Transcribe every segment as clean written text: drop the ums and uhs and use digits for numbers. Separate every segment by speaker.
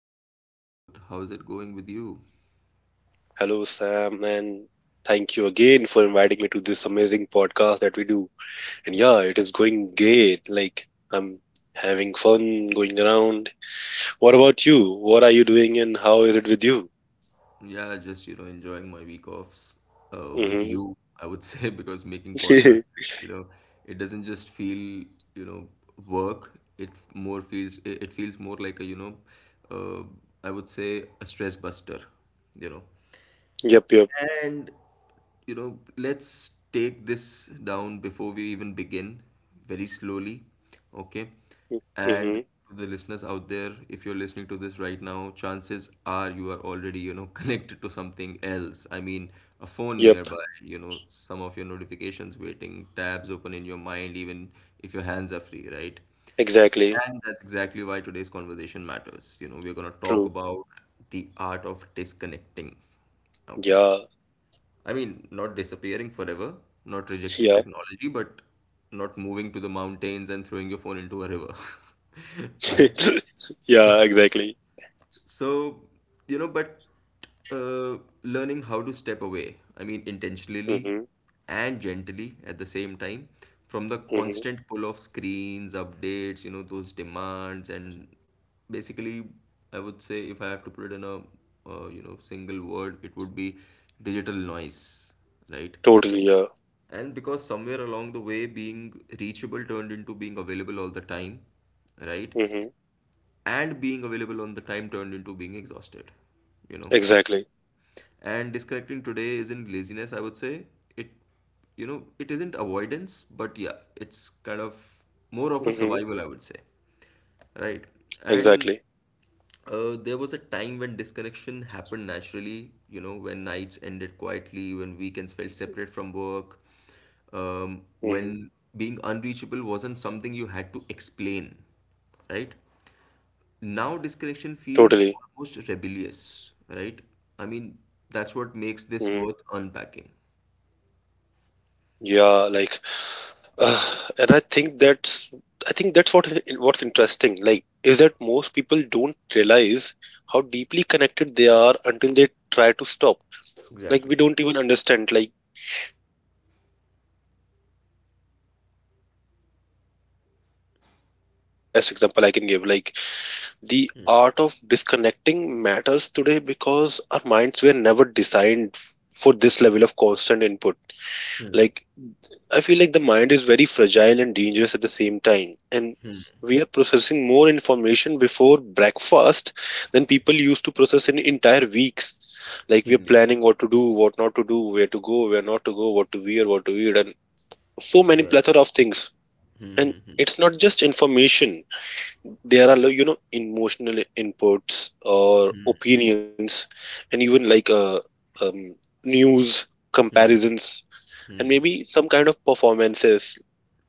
Speaker 1: episode. How's it going with you?
Speaker 2: Hello, Sam, and thank you again for inviting me to this amazing podcast that we do. And
Speaker 1: Yeah.
Speaker 2: yeah, it is going great. I'm having fun going around. What about you? What are you doing and how is it with you?
Speaker 1: Yeah, just enjoying my week offs with
Speaker 2: Mm-hmm.
Speaker 1: you, I would say, because making podcasts, you know, it doesn't just feel, you know, work. It feels more like a, uh, I would say a stress buster, you know.
Speaker 2: Yep, yep.
Speaker 1: And let's take this down before we even begin, very slowly, okay?
Speaker 2: Mm-hmm.
Speaker 1: And to the listeners out there, if you're listening to this right now, chances are you are already, connected to something else. I mean, a phone
Speaker 2: Yep,
Speaker 1: nearby, some of your notifications waiting, tabs open in your mind, even if your hands are free, right?
Speaker 2: exactly.
Speaker 1: And that's exactly why today's conversation matters. We're going to talk
Speaker 2: True.
Speaker 1: about the art of disconnecting. Okay.
Speaker 2: Yeah,
Speaker 1: I mean, not disappearing forever, not rejecting
Speaker 2: yeah.
Speaker 1: technology, but not moving to the mountains and throwing your phone into a river, right?
Speaker 2: Yeah, exactly.
Speaker 1: So, but learning how to step away, I mean, intentionally
Speaker 2: Mm-hmm.
Speaker 1: and gently at the same time from the
Speaker 2: Mm-hmm.
Speaker 1: constant pull of screens, updates, those demands, and basically, I would say if I have to put it in a single word, it would be digital noise, right?
Speaker 2: Totally, yeah.
Speaker 1: And because somewhere along the way, being reachable turned into being available all the time, right?
Speaker 2: Mm-hmm.
Speaker 1: And being available all the time turned into being exhausted, you know?
Speaker 2: Exactly.
Speaker 1: And disconnecting today isn't laziness, I would say. It, it isn't avoidance, but yeah, it's kind of
Speaker 2: Mm-hmm.
Speaker 1: more of a survival, I would say, right?
Speaker 2: Exactly.
Speaker 1: And there was a time when disconnection happened naturally, when nights ended quietly, when weekends felt separate from work,
Speaker 2: Mm-hmm.
Speaker 1: when being unreachable wasn't something you had to explain, right?
Speaker 2: Totally.
Speaker 1: Now disconnection feels almost rebellious, right? I mean,
Speaker 2: Mm-hmm.
Speaker 1: that's what makes this worth unpacking.
Speaker 2: Yeah, like And I think that's what what's interesting. Like is that most people don't realize how deeply connected they are until they try to stop. We
Speaker 1: Exactly.
Speaker 2: don't even understand. Like you don't notice the weight of something until you put it down, right? I feel like this is the best example I can give. Like the art of disconnecting matters today because our minds were never designed for this level of constant input.
Speaker 1: Hmm,
Speaker 2: Like I feel like the mind is very fragile and dangerous at the same time, and
Speaker 1: hmm,
Speaker 2: we are processing more information before breakfast than people used to process in entire weeks. Like
Speaker 1: hmm,
Speaker 2: we
Speaker 1: hmm,
Speaker 2: are
Speaker 1: yeah,
Speaker 2: planning what to do, what not to do, where to go, where not to go, what to wear, what to eat, and so many
Speaker 1: yeah.
Speaker 2: plethora of things.
Speaker 1: Hmm,
Speaker 2: And
Speaker 1: hmm, hmm,
Speaker 2: it's not just information. There are, like, you know, emotional inputs or opinions, and even um, news,
Speaker 1: hmm,
Speaker 2: comparisons, and
Speaker 1: hmm,
Speaker 2: maybe some kind of performances.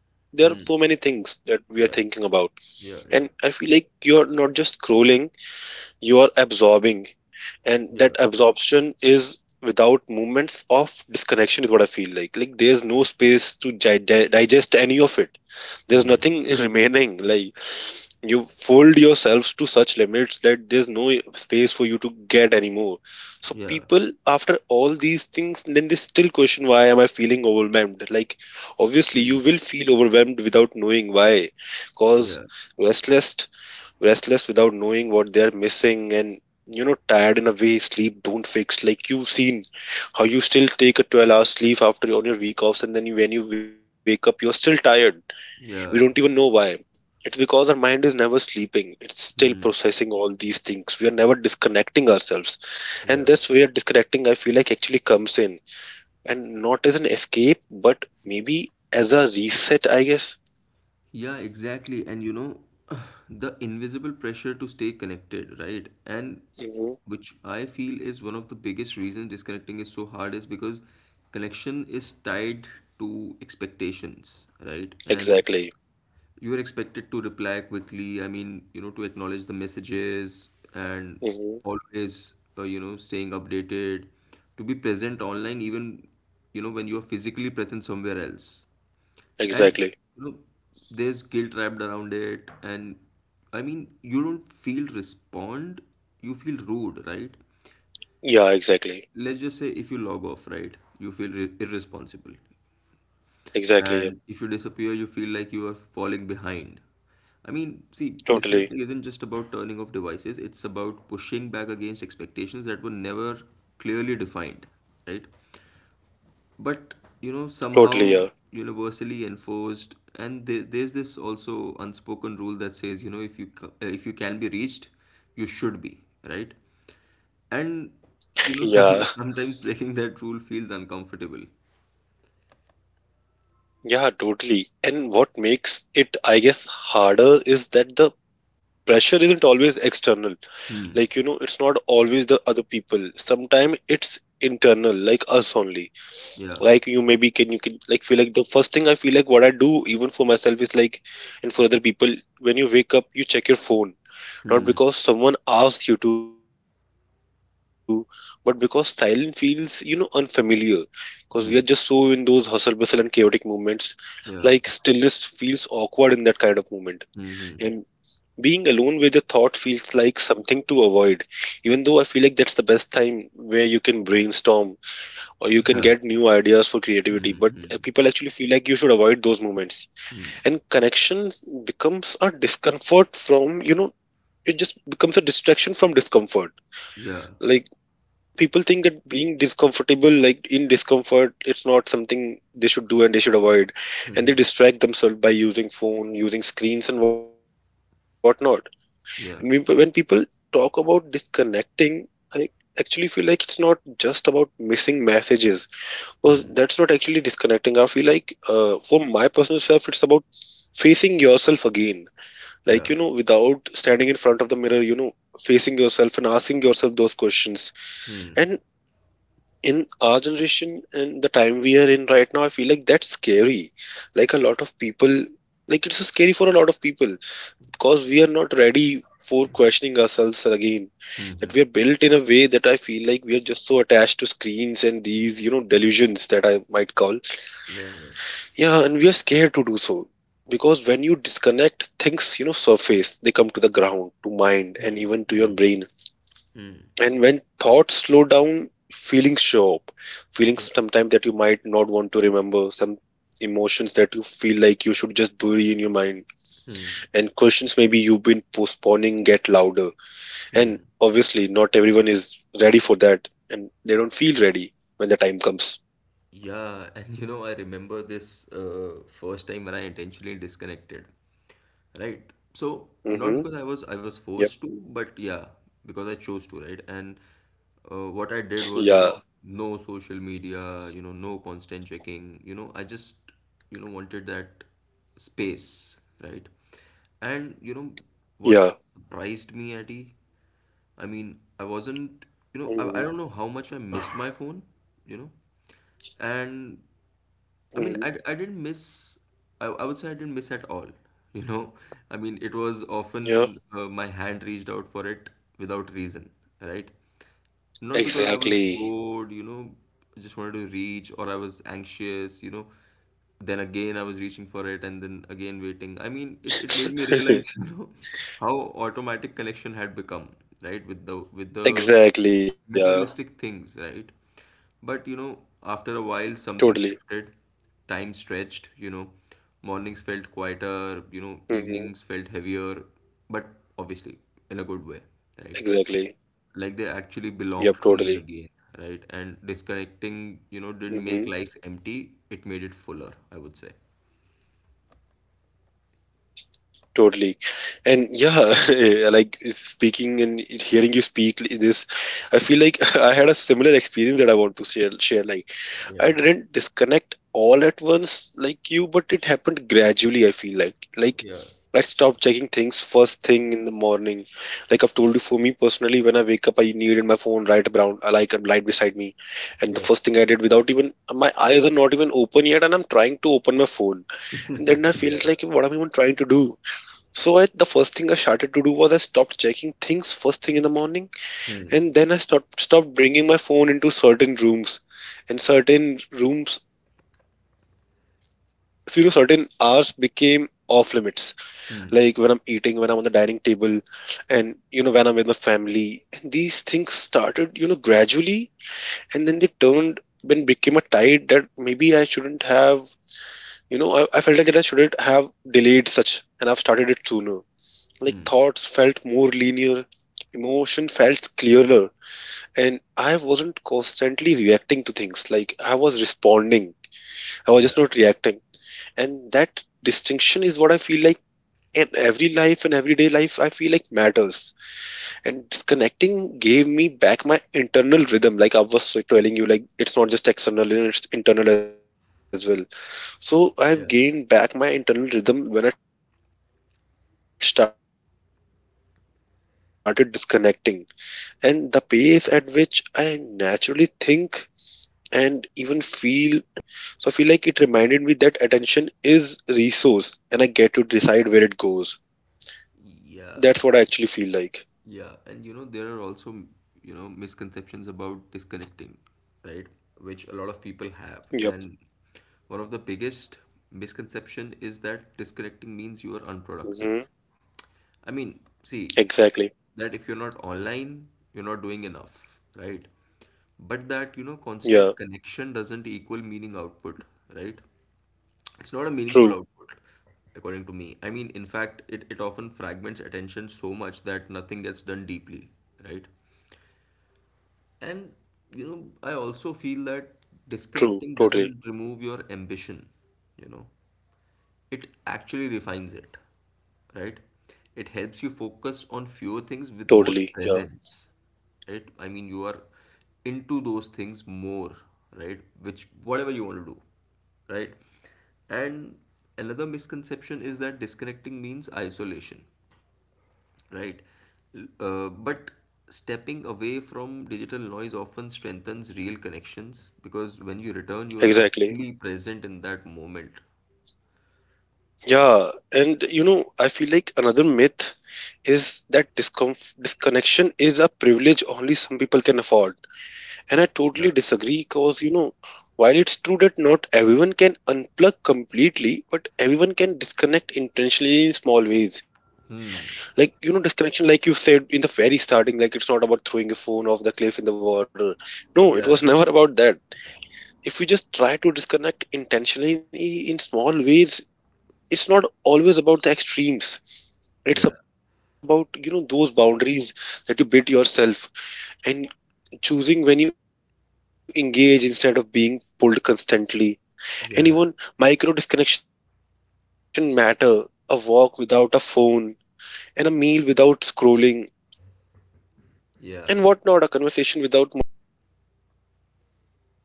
Speaker 2: There are so
Speaker 1: hmm.
Speaker 2: many things that we are thinking
Speaker 1: Yeah,
Speaker 2: about,
Speaker 1: yeah,
Speaker 2: and
Speaker 1: yeah,
Speaker 2: I feel like you're not just scrolling, you are absorbing. And
Speaker 1: yeah.
Speaker 2: that absorption is without moments of disconnection, is what I feel like. Like there's no space to digest any of it. There's
Speaker 1: Hmm,
Speaker 2: nothing remaining. Like you fold yourselves to such limits that there's no space for you to get anymore. So
Speaker 1: yeah,
Speaker 2: people, after all these things, then they still question, why am I feeling overwhelmed? Like obviously you
Speaker 1: hmm,
Speaker 2: will feel overwhelmed without knowing why, cause
Speaker 1: yeah.
Speaker 2: restless, restless without knowing what they're missing, and you know, tired in a way sleep don't fix. Like you've seen how you still take a 12- hour sleep after on your week offs, and then when you wake up you're still tired. We don't even know
Speaker 1: Yeah.
Speaker 2: why. It's because our mind is never sleeping. It's still
Speaker 1: Hmm.
Speaker 2: processing all these things. We are never disconnecting ourselves. And
Speaker 1: Yeah.
Speaker 2: this way of disconnecting, I feel like, actually comes in. And not as an escape, but maybe as a reset, I guess.
Speaker 1: Yeah, exactly. And the invisible pressure to stay connected, right? And
Speaker 2: Hmm.
Speaker 1: which I feel is one of the biggest reasons disconnecting is so hard is because connection is tied to expectations, right? And
Speaker 2: Exactly.
Speaker 1: you are expected to reply quickly. I mean, to acknowledge the messages and
Speaker 2: Hmm.
Speaker 1: always, staying updated, to be present online, even, when you are physically present somewhere else. And
Speaker 2: Exactly.
Speaker 1: you know, there's guilt wrapped around it, and I mean, you don't feel respond, you feel rude, right?
Speaker 2: Yeah,
Speaker 1: Let's
Speaker 2: exactly.
Speaker 1: just say if you log off, right, you feel re irresponsible, and if you
Speaker 2: Exactly. Yeah.
Speaker 1: disappear, you feel like you are falling behind. I mean, see, disconnecting isn't just
Speaker 2: Totally.
Speaker 1: about turning off devices, it's about pushing back against expectations that were never clearly defined, right? But
Speaker 2: Totally. Yeah.
Speaker 1: somehow universally enforced, and there's this also unspoken rule that says, if you can be reached, you should be, right? And you
Speaker 2: Yeah.
Speaker 1: know, some, sometimes breaking that rule feels uncomfortable.
Speaker 2: Yeah, totally. And what makes it, I guess, harder is that the pressure isn't always external. Like, you know, it's not always the other people, sometimes it's internal, like us only.
Speaker 1: Yeah.
Speaker 2: Like you maybe can like feel like the first thing I feel like what I do, even for myself, is like, and for other people, when you wake up you check your phone, not
Speaker 1: Hmm.
Speaker 2: because someone asked you to, but because silence feels, you know, unfamiliar, because we are just so in those hustle bustle and
Speaker 1: Hmm.
Speaker 2: chaotic movements. Like stillness feels
Speaker 1: Yeah.
Speaker 2: awkward in that kind of moment, and
Speaker 1: Hmm. Hmm.
Speaker 2: being alone with your thought feels like something to avoid, even though I feel like that's the best time where you can brainstorm or you can get
Speaker 1: Yeah.
Speaker 2: new ideas for creativity.
Speaker 1: Hmm.
Speaker 2: But
Speaker 1: Hmm. Hmm.
Speaker 2: people actually feel like you should avoid those moments.
Speaker 1: Hmm.
Speaker 2: And connection becomes a discomfort from, you know, it just becomes a distraction from discomfort.
Speaker 1: Yeah.
Speaker 2: Like people think that being discomfortable, like in discomfort, it's not something they should do, and
Speaker 1: Hmm.
Speaker 2: they should
Speaker 1: Hmm.
Speaker 2: avoid. And they distract themselves by using phone, using screens and whatnot.
Speaker 1: Yeah.
Speaker 2: And when people talk about disconnecting, I actually feel like it's not just about missing messages. Well,
Speaker 1: Hmm.
Speaker 2: that's not actually disconnecting. I feel like, for my personal self, it's about facing yourself again. Like,
Speaker 1: Yeah.
Speaker 2: you know, without standing in front of the mirror, you know, facing yourself and asking yourself those questions. And in our generation and the time we are in right now, I feel like that's scary. Like, a lot of people, like, it's scary for a lot of people because we are not ready for questioning ourselves again,
Speaker 1: Hmm.
Speaker 2: that
Speaker 1: Hmm.
Speaker 2: we are built in a way that I feel like we are just so attached to screens and these, you know, delusions that I might call.
Speaker 1: Yeah. Yeah.
Speaker 2: Yeah, and we are scared to do so, because when you disconnect, things, you know, surface. They come to the ground, to mind, and
Speaker 1: Hmm.
Speaker 2: even to your
Speaker 1: Hmm.
Speaker 2: brain.
Speaker 1: Hmm.
Speaker 2: And when thoughts slow down, feelings show up.
Speaker 1: Yeah.
Speaker 2: Feelings sometimes that you might not want to remember, some emotions that you feel like you should just bury in your mind,
Speaker 1: Hmm.
Speaker 2: and questions maybe you've been postponing get louder. And obviously, not everyone is ready for that, and they don't feel ready when the time comes.
Speaker 1: Yeah, and I remember this first time when I intentionally disconnected, right? So not
Speaker 2: Mm-hmm.
Speaker 1: because I was forced
Speaker 2: Yep.
Speaker 1: to, but yeah, because I chose to, right? And what I did was,
Speaker 2: Yeah.
Speaker 1: no social media, no constant checking, I just, wanted that space, right? And what
Speaker 2: Yeah.
Speaker 1: surprised me, Addy, I mean, I wasn't, I don't
Speaker 2: Hmm.
Speaker 1: know how much I missed my phone, you know and I mean,
Speaker 2: Hmm.
Speaker 1: I didn't miss, I would say I didn't miss at all, you know. I mean, it was often
Speaker 2: Yeah.
Speaker 1: my hand reached out for it without reason, right? Not because I was
Speaker 2: Exactly.
Speaker 1: bored, just wanted to reach, or I was anxious. Then again, I was reaching for it and then again waiting. I mean, it made me realize, how automatic connection had become, right? With the
Speaker 2: Exactly. Yeah.
Speaker 1: materialistic things, right? But after a while,
Speaker 2: Totally.
Speaker 1: something shifted. Time stretched, mornings felt quieter,
Speaker 2: Hmm.
Speaker 1: evenings felt heavier, but obviously in a good way,
Speaker 2: Exactly.
Speaker 1: right? Like they
Speaker 2: Yep.
Speaker 1: actually
Speaker 2: Totally.
Speaker 1: belonged to me again, right? And disconnecting,
Speaker 2: Hmm.
Speaker 1: didn't make life empty, it made it fuller, I would say.
Speaker 2: Totally. And yeah, like speaking and hearing you speak this, I feel like I had a similar experience that I want to share. Like, I didn't
Speaker 1: Yeah,
Speaker 2: disconnect all at once like you, but it happened gradually, I feel like. Like, I
Speaker 1: yeah,
Speaker 2: stopped checking things first thing in the morning. Like I've told you, for me personally, when I wake up, I needed my phone right around, like a light beside me. And the first
Speaker 1: yeah,
Speaker 2: thing I did, without even, my eyes are not even open yet, and I'm trying to open my phone, and then I felt
Speaker 1: yeah.
Speaker 2: like, what am I even trying to do? So I, the first thing I started to do was I stopped checking things first thing in the morning,
Speaker 1: Hmm.
Speaker 2: and then I stopped bringing my phone into certain rooms, and certain rooms, you know, certain hours became off limits. Like when I'm eating,
Speaker 1: Hmm.
Speaker 2: when I'm on the dining table, and you know, when I'm with my family. And these things started, you know, gradually, and then they turned and became a tide that maybe I shouldn't have. You know, I felt like that I shouldn't have delayed such and I've started it sooner. Like
Speaker 1: Hmm.
Speaker 2: thoughts felt more linear, emotion felt clearer, and I wasn't constantly reacting to things. Like I was responding,
Speaker 1: Yeah.
Speaker 2: I was just not reacting. And that distinction is what I feel like in everyday life, I feel like, matters. And disconnecting gave me back my internal rhythm, like I was telling you, like it's not just external, it's internal as well. So
Speaker 1: Yeah.
Speaker 2: I've gained back my internal rhythm when I started disconnecting, and the pace at which I naturally think and even feel, and maybe, you know, notice things, because noticing is important, obviously. So I feel like it reminded me that attention is resource, and I get to decide where it goes.
Speaker 1: Yeah.
Speaker 2: That's what I actually feel like.
Speaker 1: Yeah, and there are also, misconceptions about disconnecting, right? Which a lot of people have.
Speaker 2: Yep.
Speaker 1: And one of the biggest misconception is that disconnecting means you are unproductive.
Speaker 2: Hmm.
Speaker 1: I mean, see,
Speaker 2: Exactly.
Speaker 1: that if you're not online, you're not doing enough, right? But that, constant
Speaker 2: Yeah.
Speaker 1: connection doesn't equal meaning output, right? It's not a meaningful
Speaker 2: True.
Speaker 1: output, according to me. I mean, in fact, it often fragments attention so much that nothing gets done deeply, right?
Speaker 2: True.
Speaker 1: And,
Speaker 2: Totally.
Speaker 1: I also feel that disconnecting doesn't remove your ambition, you know it actually refines it, right? It helps you
Speaker 2: Totally. Yeah.
Speaker 1: focus on fewer things with more presence, right? I mean, you are into those things more, right? Which, whatever you want to do, right? And another misconception is that disconnecting means isolation, right? But stepping away from digital noise often strengthens real connections because when you return, you're
Speaker 2: Exactly.
Speaker 1: actually present in that moment.
Speaker 2: Yeah, and you know, I feel like another myth is that disconnection is a privilege only some people can afford. And I
Speaker 1: Yeah,
Speaker 2: totally disagree because, you know, while it's true that not everyone can unplug completely, but everyone can disconnect intentionally in small ways. Like, you know, disconnection, like you said in the very starting, like it's not about throwing your phone off the cliff in the water. No, it was
Speaker 1: yeah,
Speaker 2: never about that. If you just try to disconnect intentionally in small ways, it's not always about the
Speaker 1: yeah.
Speaker 2: extremes. It's about, you know, those boundaries that you bid yourself, and choosing when you engage instead of being pulled constantly.
Speaker 1: Yeah,
Speaker 2: And even micro disconnection matter. A walk without a phone, and a meal without scrolling, and whatnot, a conversation without
Speaker 1: yeah,
Speaker 2: multitasking, and those moments, I feel like, add up, is what I actually think.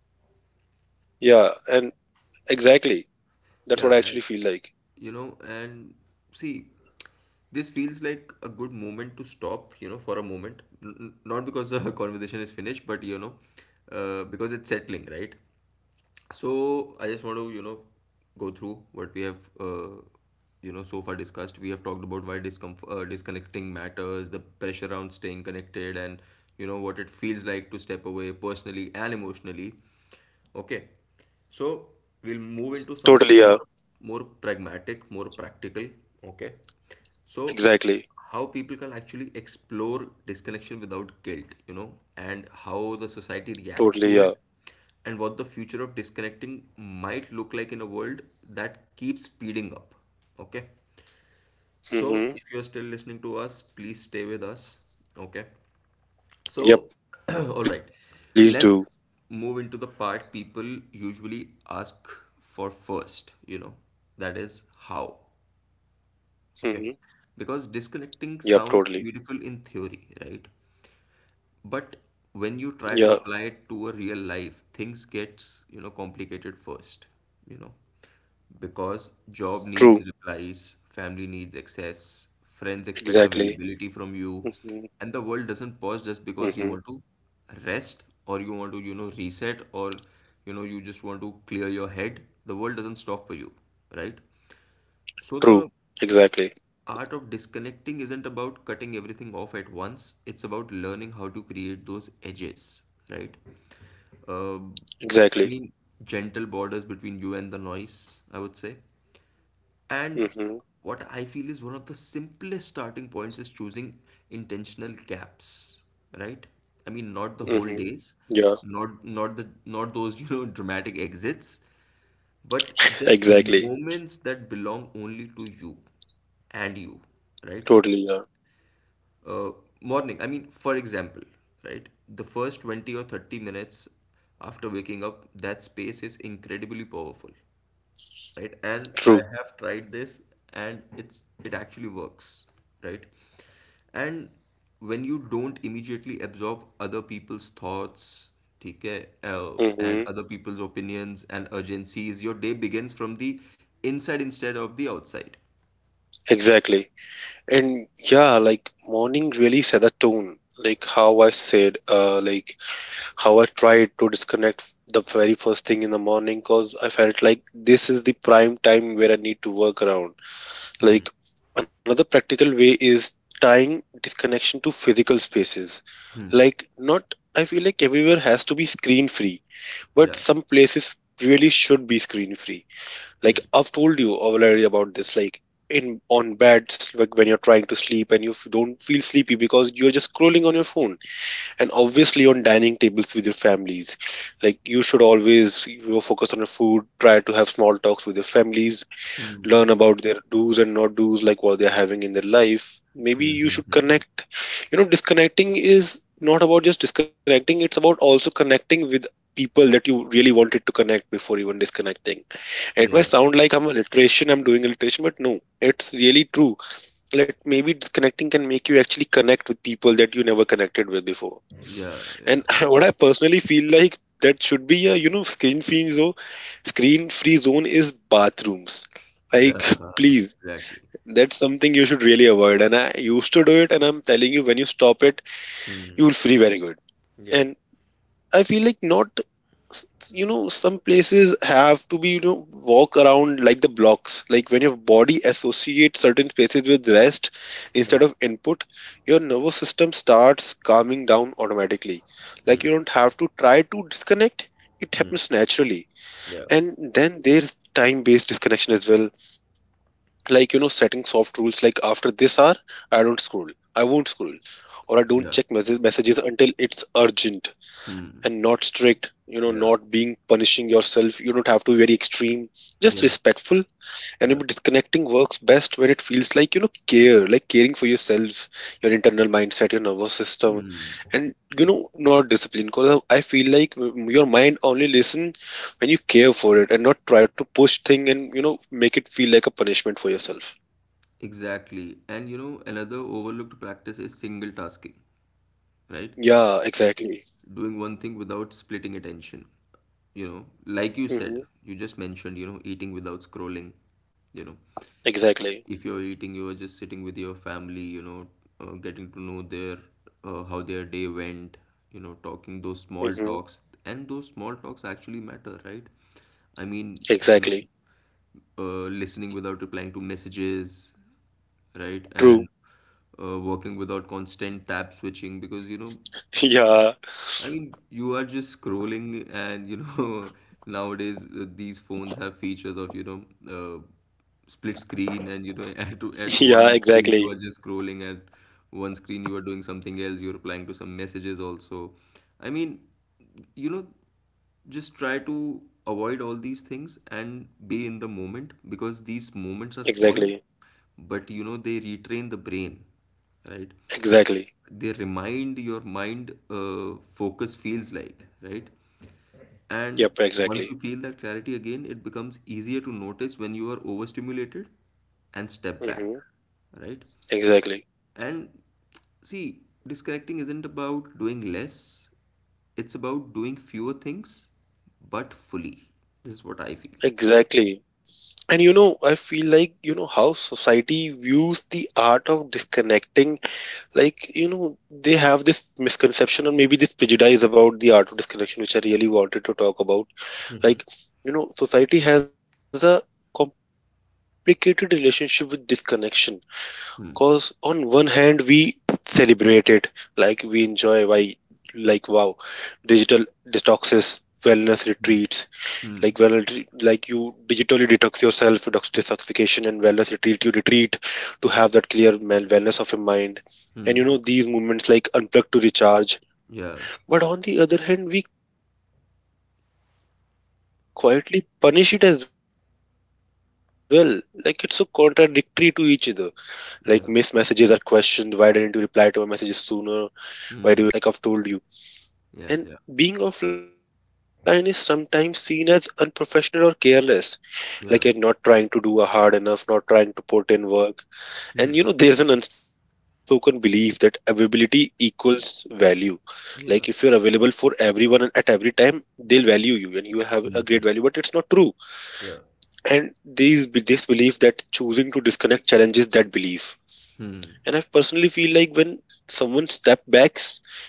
Speaker 2: Yeah. And exactly, that's what I actually feel like.
Speaker 1: yeah, and see, this feels like a good moment to stop, for a moment. Not because the conversation is finished, but because it's settling, right?
Speaker 2: Mm-hmm.
Speaker 1: So I just want to,
Speaker 2: Exactly.
Speaker 1: go through what we have, so far discussed. We have talked about why discomf disconnecting matters, the pressure around staying connected, and what it feels like to step away personally and emotionally. Okay. So we'll move into
Speaker 2: Totally,
Speaker 1: something
Speaker 2: yeah.
Speaker 1: more pragmatic, more practical. Okay. So
Speaker 2: Exactly.
Speaker 1: how people can actually explore disconnection without guilt, and how the
Speaker 2: Totally,
Speaker 1: society
Speaker 2: yeah.
Speaker 1: reacts to it, and what the future of disconnecting might look like in a world that keeps speeding up. Okay.
Speaker 2: Mm-hmm.
Speaker 1: So if you're still listening to us, please stay with us. Okay.
Speaker 2: Yep, please do.
Speaker 1: So, all right, let's move into the part people usually ask for first, that is how.
Speaker 2: Hmm.
Speaker 1: Okay.
Speaker 2: Yep, totally.
Speaker 1: Because disconnecting sounds beautiful in theory, right?
Speaker 2: Yeah,
Speaker 1: But when you try to apply it to a real life, things gets, complicated first, you know,
Speaker 2: true.
Speaker 1: because job needs replies, family needs access,
Speaker 2: Exactly.
Speaker 1: friends expect
Speaker 2: Hmm.
Speaker 1: availability from you, and the world doesn't
Speaker 2: Hmm.
Speaker 1: pause just because you want to rest or you want to, reset or, you just want to clear your head. The world doesn't stop for you, right?
Speaker 2: True.
Speaker 1: So
Speaker 2: Exactly.
Speaker 1: the art of disconnecting isn't about cutting everything off at once, it's about learning how to create those edges, right? Um
Speaker 2: Exactly.
Speaker 1: I mean, gentle borders between you and the noise, I would say,
Speaker 2: Hmm.
Speaker 1: and what I feel is one of the simplest starting points is choosing intentional gaps, right? I mean,
Speaker 2: Hmm.
Speaker 1: not the whole
Speaker 2: Yeah,
Speaker 1: days, not not the not those dramatic exits, but
Speaker 2: exactly.
Speaker 1: just moments that belong only to you and you,
Speaker 2: Totally.
Speaker 1: right?
Speaker 2: Yeah,
Speaker 1: uh, Morning. I mean, for example, right, the first 20 or 30 minutes after waking up, that space is incredibly powerful, right?
Speaker 2: true.
Speaker 1: And I have tried this, and it actually works, right? And when you don't immediately absorb other people's thoughts, ठीक है, and
Speaker 2: Hmm.
Speaker 1: other people's opinions and urgencies, your day begins from the inside instead of the outside.
Speaker 2: Exactly. And yeah, like morning really set the tone. Like how I said, like how I tried to disconnect the very first thing in the morning, because I felt like this is the prime time where I need to work around. Like another practical way is tying disconnection to physical spaces. Like not I feel like everywhere has to be screen free, but
Speaker 1: Yeah.
Speaker 2: some places really should be screen free. Like
Speaker 1: Hmm.
Speaker 2: I've told you already about this, like in on beds, like when you're trying to sleep and you don't feel sleepy because you're just scrolling on your phone, and obviously on dining tables with your families. Like you should always, focus on your food, try to have small talks with your families,
Speaker 1: Hmm.
Speaker 2: learn about their do's and not do's, like what they're having in their life. Maybe you should connect. You know, disconnecting is not about just disconnecting, it's about also connecting with people that you really wanted to connect before even disconnecting. It may
Speaker 1: Yeah.
Speaker 2: sound like I'm a literation, I'm doing alliteration, but no, it's really true. Like maybe disconnecting can make you actually connect with people that you never connected with before.
Speaker 1: Yeah.
Speaker 2: And
Speaker 1: Yeah.
Speaker 2: what I personally feel like that should be a, screen free zone, screen free zone, is bathrooms.
Speaker 1: Yeah.
Speaker 2: Like please,
Speaker 1: Exactly.
Speaker 2: that's something you should really avoid. And I used to do it, and I'm telling you, when you stop it, you will feel very good.
Speaker 1: Yeah.
Speaker 2: And I feel like, not, s- you know, some places have to be, you know, walk around like the blocks. Like when your body associates certain spaces with rest
Speaker 1: Hmm.
Speaker 2: instead of input, your nervous system starts calming down automatically. Like
Speaker 1: Hmm.
Speaker 2: you don't have to try to disconnect, it
Speaker 1: Hmm.
Speaker 2: happens naturally.
Speaker 1: Yeah.
Speaker 2: And then there's time based disconnection as well, like you know, setting soft rules like after this hour I don't scroll, I won't scroll, or I don't
Speaker 1: Yeah.
Speaker 2: check messages until it's urgent.
Speaker 1: Hmm.
Speaker 2: And not strict, you know,
Speaker 1: Yeah.
Speaker 2: not being punishing yourself, you don't have to be very extreme, just
Speaker 1: Yeah.
Speaker 2: respectful. And
Speaker 1: Yeah.
Speaker 2: maybe disconnecting works best when it feels like, you know, care, like caring for yourself, your internal mindset, your nervous system,
Speaker 1: Hmm.
Speaker 2: and you know, not discipline. Because I feel like, your mind only listen when you care for it and not try to push thing, and you know, make it feel like a punishment for yourself.
Speaker 1: Exactly. And another overlooked practice is single tasking, right?
Speaker 2: Yeah, exactly.
Speaker 1: Doing one thing without splitting attention. Like you said,
Speaker 2: Hmm.
Speaker 1: you just mentioned, eating without scrolling, you know,
Speaker 2: Exactly.
Speaker 1: if you're eating, you're just sitting with your family, getting to know their how their day went, talking those small
Speaker 2: Hmm.
Speaker 1: talks. And those small talks actually matter, right? I mean, you know
Speaker 2: Exactly.
Speaker 1: listening without replying to messages, right? And
Speaker 2: True.
Speaker 1: working without constant tab switching, because
Speaker 2: Yeah.
Speaker 1: I mean, you are just scrolling, and nowadays these phones have features of, uh, split screen, and at
Speaker 2: Yeah,
Speaker 1: one screen you are
Speaker 2: exactly.
Speaker 1: just scrolling, at one screen you are doing something else, you're replying to some messages also. I mean, you know, just try to avoid all these things and be in the moment, because these moments are small,
Speaker 2: Exactly.
Speaker 1: but they retrain the brain, right?
Speaker 2: Exactly.
Speaker 1: They remind your mind focus feels like, right? And
Speaker 2: Yep,
Speaker 1: once you
Speaker 2: exactly.
Speaker 1: feel that clarity again, it becomes easier to notice when you are overstimulated and step back,
Speaker 2: Hmm.
Speaker 1: right?
Speaker 2: Exactly.
Speaker 1: And see, disconnecting isn't about doing less, it's about doing fewer things but fully. This is what I feel.
Speaker 2: Exactly. And you know, I feel like, you know, how society views the art of disconnecting, like, you know, they have this misconception or maybe this prejudice about the art of disconnection, which I really wanted to talk about.
Speaker 1: Hmm.
Speaker 2: Like, you know, society has a complicated relationship with disconnection.
Speaker 1: Hmm.
Speaker 2: Cause on one hand we celebrate it, like we enjoy why, like wow, digital detoxes, wellness
Speaker 1: Hmm.
Speaker 2: retreats,
Speaker 1: Hmm.
Speaker 2: like well, like you digitally detox yourself, detoxification, and wellness retreat, you retreat to have that wellness of your mind. And you know, these movements like unplug to recharge.
Speaker 1: Yeah.
Speaker 2: But on the other hand, we quietly punish it as well. Like it's so contradictory to each other. Like missed messages are questioned. Why
Speaker 1: Yeah.
Speaker 2: didn't you reply to my messages sooner? Why do you have to delay it? These
Speaker 1: Hmm.
Speaker 2: questions and delayed replies are
Speaker 1: Yeah.
Speaker 2: judged,
Speaker 1: Yeah.
Speaker 2: like I've told you. And being offline is sometimes seen as unprofessional or
Speaker 1: Yeah.
Speaker 2: careless, like you're not trying to do a hard enough, not trying to put in
Speaker 1: Hmm.
Speaker 2: work. And you know, there's an unspoken belief that availability equals value.
Speaker 1: Yeah.
Speaker 2: Like if you're available for everyone and at every time, they'll value you and you have a
Speaker 1: Hmm.
Speaker 2: great value, but it's not true.
Speaker 1: Yeah.
Speaker 2: And these this belief that choosing to disconnect challenges that belief. And I personally feel like when someone steps back,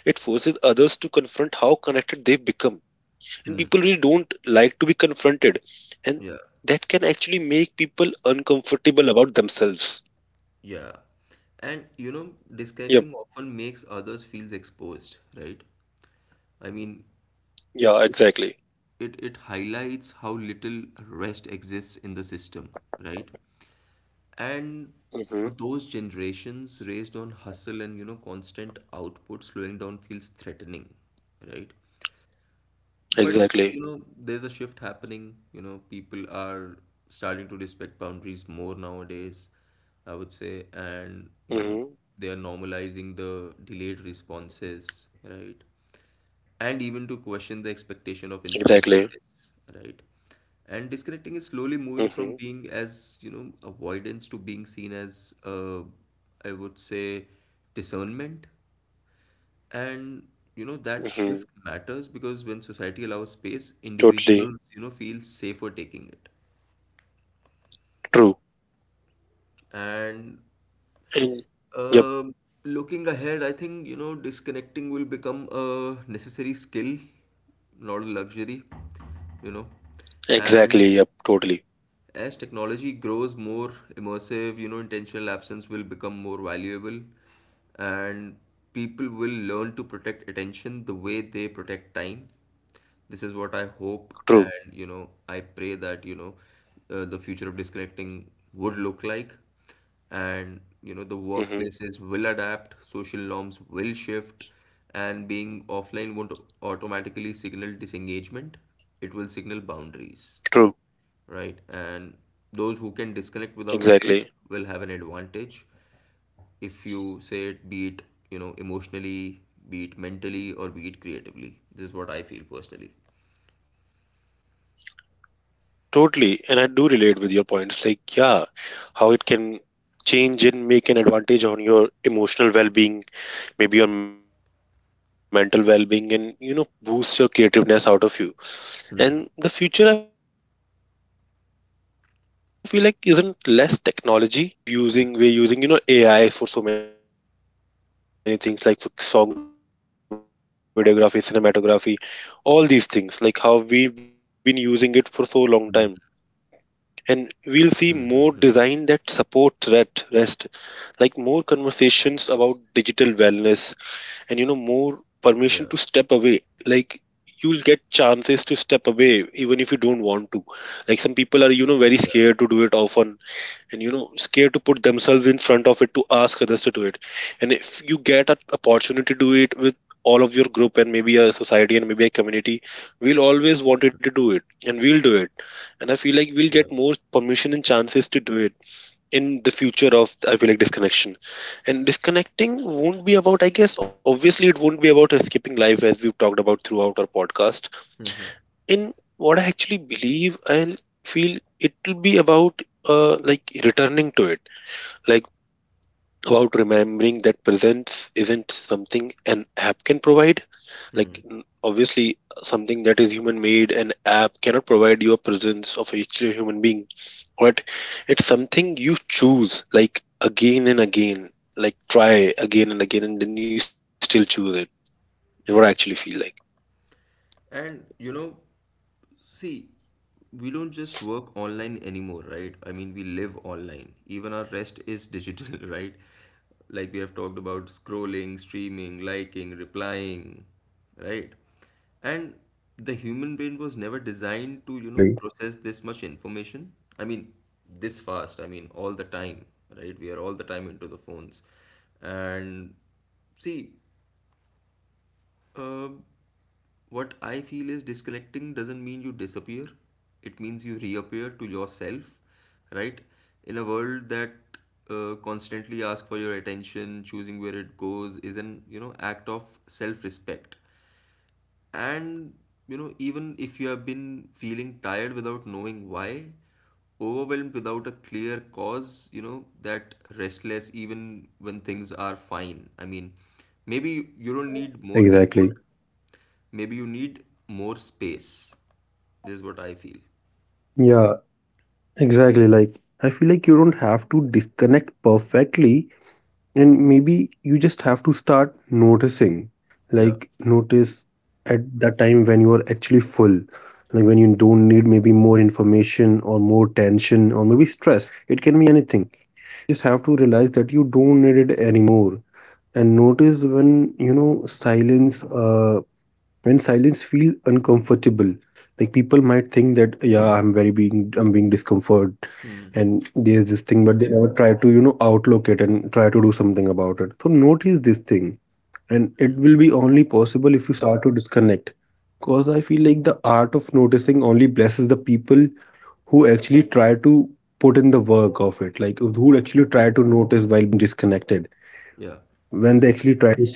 Speaker 2: it forces others to confront how connected they've become. And people really don't like to be confronted. And
Speaker 1: Yeah.
Speaker 2: that can actually make people uncomfortable about themselves.
Speaker 1: Yeah. And you know, disconnecting
Speaker 2: Yep.
Speaker 1: often makes others feels exposed, right? I mean,
Speaker 2: Yeah, exactly.
Speaker 1: it highlights how little rest exists in the system, right? And for those
Speaker 2: Mm-hmm.
Speaker 1: generations raised on hustle and you know constant output, slowing down feels threatening, right? But you know,
Speaker 2: Exactly.
Speaker 1: there's a shift happening. You know, people are starting to respect boundaries more nowadays, I would say, and you know,
Speaker 2: Mm-hmm.
Speaker 1: they are normalizing the delayed responses, right? And even to question the expectation of instant
Speaker 2: Exactly.
Speaker 1: access, right? And disconnecting is slowly moving from
Speaker 2: Mm-hmm.
Speaker 1: being as, you know, avoidance to being seen as, I would say, discernment, and you know that
Speaker 2: Mm-hmm.
Speaker 1: shift matters because when society allows space,
Speaker 2: Totally.
Speaker 1: individuals, you know, feel safer taking it.
Speaker 2: True.
Speaker 1: And
Speaker 2: And yep.
Speaker 1: um looking ahead, I think, you know, disconnecting will become a necessary skill, not a luxury, you know. And
Speaker 2: Exactly. Yep. Totally.
Speaker 1: as technology grows more immersive, you know, intentional absence will become more valuable and people will learn to protect attention the way they protect time. This is what I hope, and you
Speaker 2: True.
Speaker 1: know, I pray that you know, the future of disconnecting would look like. And you know, the workplaces will
Speaker 2: Mm-hmm.
Speaker 1: adapt, social norms will shift, and being offline won't automatically signal disengagement, it will signal boundaries, right?
Speaker 2: True.
Speaker 1: And those who can disconnect without guilt will have an
Speaker 2: Exactly.
Speaker 1: advantage if you say it, be it, you know, emotionally, be it mentally, or be it creatively. This is what I feel personally.
Speaker 2: Totally, and I do relate with your points. Like, yeah, how it can change and make an advantage on your emotional well-being, maybe your mental well-being, and you know, boost your creativeness out of you. And the future, I feel like, isn't less technology. It's healthier relationship with it. Like how we've using we're using, you know, AI for so many things, like for song creation, for creative creation, for art, for music, for pictures, for videography, cinematography, all these things. Like how we've been using it for so long time, and we'll see more
Speaker 1: Mm-hmm.
Speaker 2: design that supports that rest, like more conversations about digital wellness, and you know, more permission
Speaker 1: Yeah,
Speaker 2: to step away. Like you'll get chances to step away even if you don't want to, like some people are, you know, very
Speaker 1: yeah,
Speaker 2: scared to do it often, and you know, scared to put themselves in front of it to ask others to do it. And if you get an opportunity to do it with all of your group and maybe a society and maybe a community, we'll always want you to do it and we'll do it. And I feel like we'll
Speaker 1: yeah,
Speaker 2: get more permission and chances to do it in the future of, I feel like, disconnection, and disconnecting won't be about, I guess, obviously it won't be about escaping life, as we've talked about throughout our podcast. In what I actually believe, I feel it'll be about, like returning to it, like about remembering that presence isn't something an app can provide. Like obviously something that is human made, an app cannot provide you a presence of actually a human being. But it's something you choose, like again and again, like try again and again, and then you still choose it, is what I actually
Speaker 1: yeah.
Speaker 2: feel like.
Speaker 1: And you know, see, we don't just work online anymore, right? I mean, we live online. Even our rest is digital, right? Like we have talked about scrolling, streaming, liking, replying, right? And the human brain was never
Speaker 2: Yeah,
Speaker 1: designed to, you know,
Speaker 2: totally.
Speaker 1: process this much information. I mean, this fast, I mean, all the time, right? We are all the time into the phones. And see, um, what I feel is disconnecting doesn't mean you disappear. It means you reappear to yourself, right? In a world that constantly asks for your attention, choosing where it goes is an you know act of self-respect. And you know even if you have been feeling tired without knowing why, overwhelmed without a clear cause, you know that restless even when things are fine. I mean, maybe you don't need more
Speaker 2: Exactly.
Speaker 1: input, maybe you need more space. This is what I feel.
Speaker 2: Yeah, exactly. Like, I feel like you don't have to disconnect perfectly, and maybe you just have to start noticing. Like,
Speaker 1: Yeah,
Speaker 2: notice at that time when you are actually full, like when you don't need maybe more information or more tension or maybe stress. It can be anything. And you just have to realize that you don't need it anymore. And notice when, you know, silence when silence feel uncomfortable, like people might think that, yeah, I'm being discomfort and there's this thing, but they never try to, you know, outlook it and try to do something about it. So notice this thing, and it will be only possible if you start to disconnect. Because I feel like the art of noticing only blesses the people who actually try to put in the work of it, like who actually try to notice while being disconnected,
Speaker 1: yeah,
Speaker 2: when they actually try to see.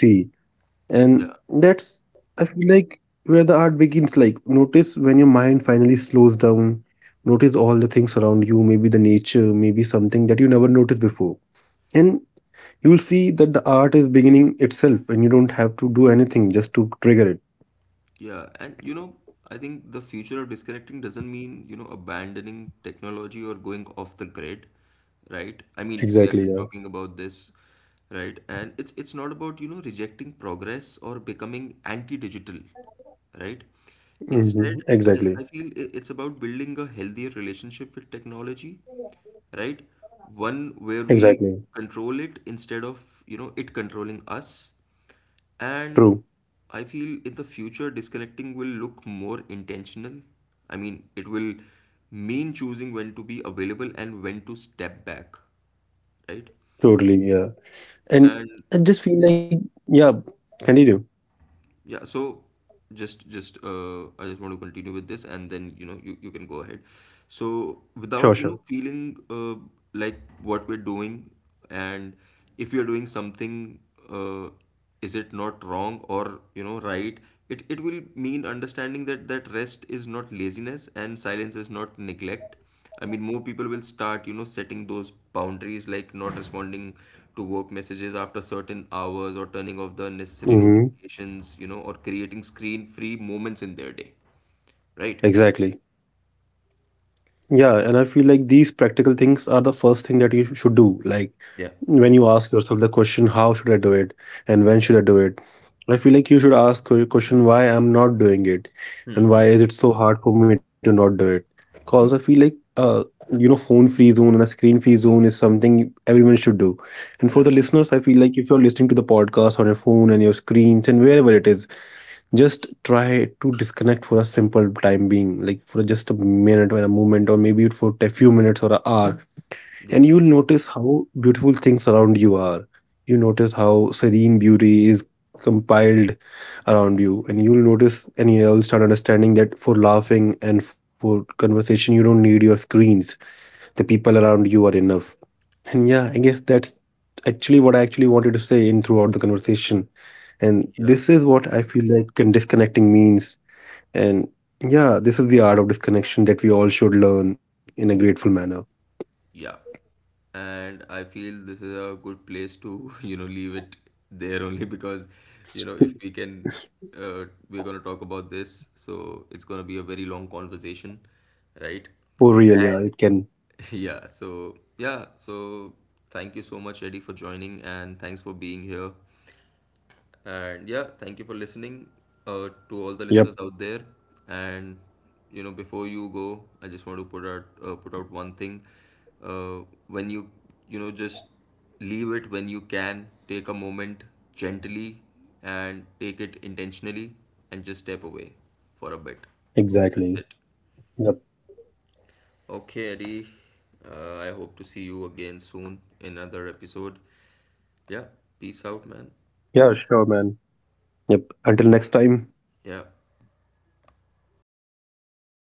Speaker 2: And
Speaker 1: yeah.
Speaker 2: that's, I feel like, where the art begins. Like notice when your mind finally slows down, notice all the things around you, maybe the nature, maybe something that you never noticed before. And you'll see that the art is beginning itself, and you don't have to do anything just to trigger it.
Speaker 1: Yeah, and you know, I think the future of disconnecting doesn't mean, you know, abandoning technology or going off the grid, right? I mean,
Speaker 2: Exactly,
Speaker 1: we
Speaker 2: yeah.
Speaker 1: have been talking about this, right? And it's not about, you know, rejecting progress or becoming anti-digital, right?
Speaker 2: Hmm.
Speaker 1: Instead, I,
Speaker 2: Exactly.
Speaker 1: I feel it's about building a healthier relationship with technology, right? One where we
Speaker 2: Exactly.
Speaker 1: control it instead of, you know, it controlling us. And
Speaker 2: True.
Speaker 1: I feel in the future, disconnecting will look more intentional. I mean, it will mean choosing when to be available and when to step back, right?
Speaker 2: Totally, yeah. And
Speaker 1: And
Speaker 2: I just feel like, yeah, continue.
Speaker 1: yeah, so just I just want to continue with this and then you know you can go ahead. So
Speaker 2: Sure, sure.
Speaker 1: without you know feeling like what we're doing and if you're doing something uh, is it not wrong or you know right, it will mean understanding that rest is not laziness and silence is not neglect. I mean, more people will start, you know, setting those boundaries like not responding to work messages after certain hours or turning off the unnecessary
Speaker 2: Hmm.
Speaker 1: notifications, you know, or creating screen free moments in their day, right?
Speaker 2: Exactly. Yeah, and I feel like these practical things are the first thing that you should do. Like
Speaker 1: Yeah.
Speaker 2: when you ask yourself the question, how should I do it? And when should I do it? I feel like you should ask your question, why I'm not doing it? And why
Speaker 1: Mm-hmm.
Speaker 2: is it so hard for me to not do it? Because I feel like, you know, phone free zone and a screen free zone is something everyone should do. And for the
Speaker 1: Yeah.
Speaker 2: listeners, I feel like if you're listening to the podcast on your phone and your screens and wherever it is, just try to disconnect for a simple time being, like for just a minute or a moment, or maybe for a few minutes or an hour, and you'll
Speaker 1: Yeah.
Speaker 2: notice how beautiful things around you are. You notice how serene beauty is compiled around you, and you'll notice and you'll start understanding that for laughing and for conversation, you don't need your screens. The people around you are enough. And yeah, I guess that's actually what I actually wanted to say in throughout the conversation. And this is
Speaker 1: Yeah.
Speaker 2: what I feel like disconnecting means. And yeah, this is the art of disconnection that we all should learn in a grateful manner.
Speaker 1: Yeah. And I feel this is a good place to, you know, leave it there only because, you know, if we can, we're going to talk about this. So it's going to be a very long conversation, right?
Speaker 2: Oh, real. Yeah, it
Speaker 1: And
Speaker 2: can.
Speaker 1: yeah, so yeah, so thank you so much, Eddie, for joining and thanks for being here. And yeah, thank you for listening to all
Speaker 2: Yep,
Speaker 1: the listeners out there. And you know, before you go, I just want to put out one thing. Uh, when you know just leave it when you can, take a moment gently and take it intentionally and just step away for a bit.
Speaker 2: exactly.
Speaker 1: That's it.
Speaker 2: Yep.
Speaker 1: Okay, Eddie. I hope to see you again soon in another episode. Yeah, peace out, man.
Speaker 2: Yeah, sure, man. Yep. Until next time.
Speaker 1: Yeah.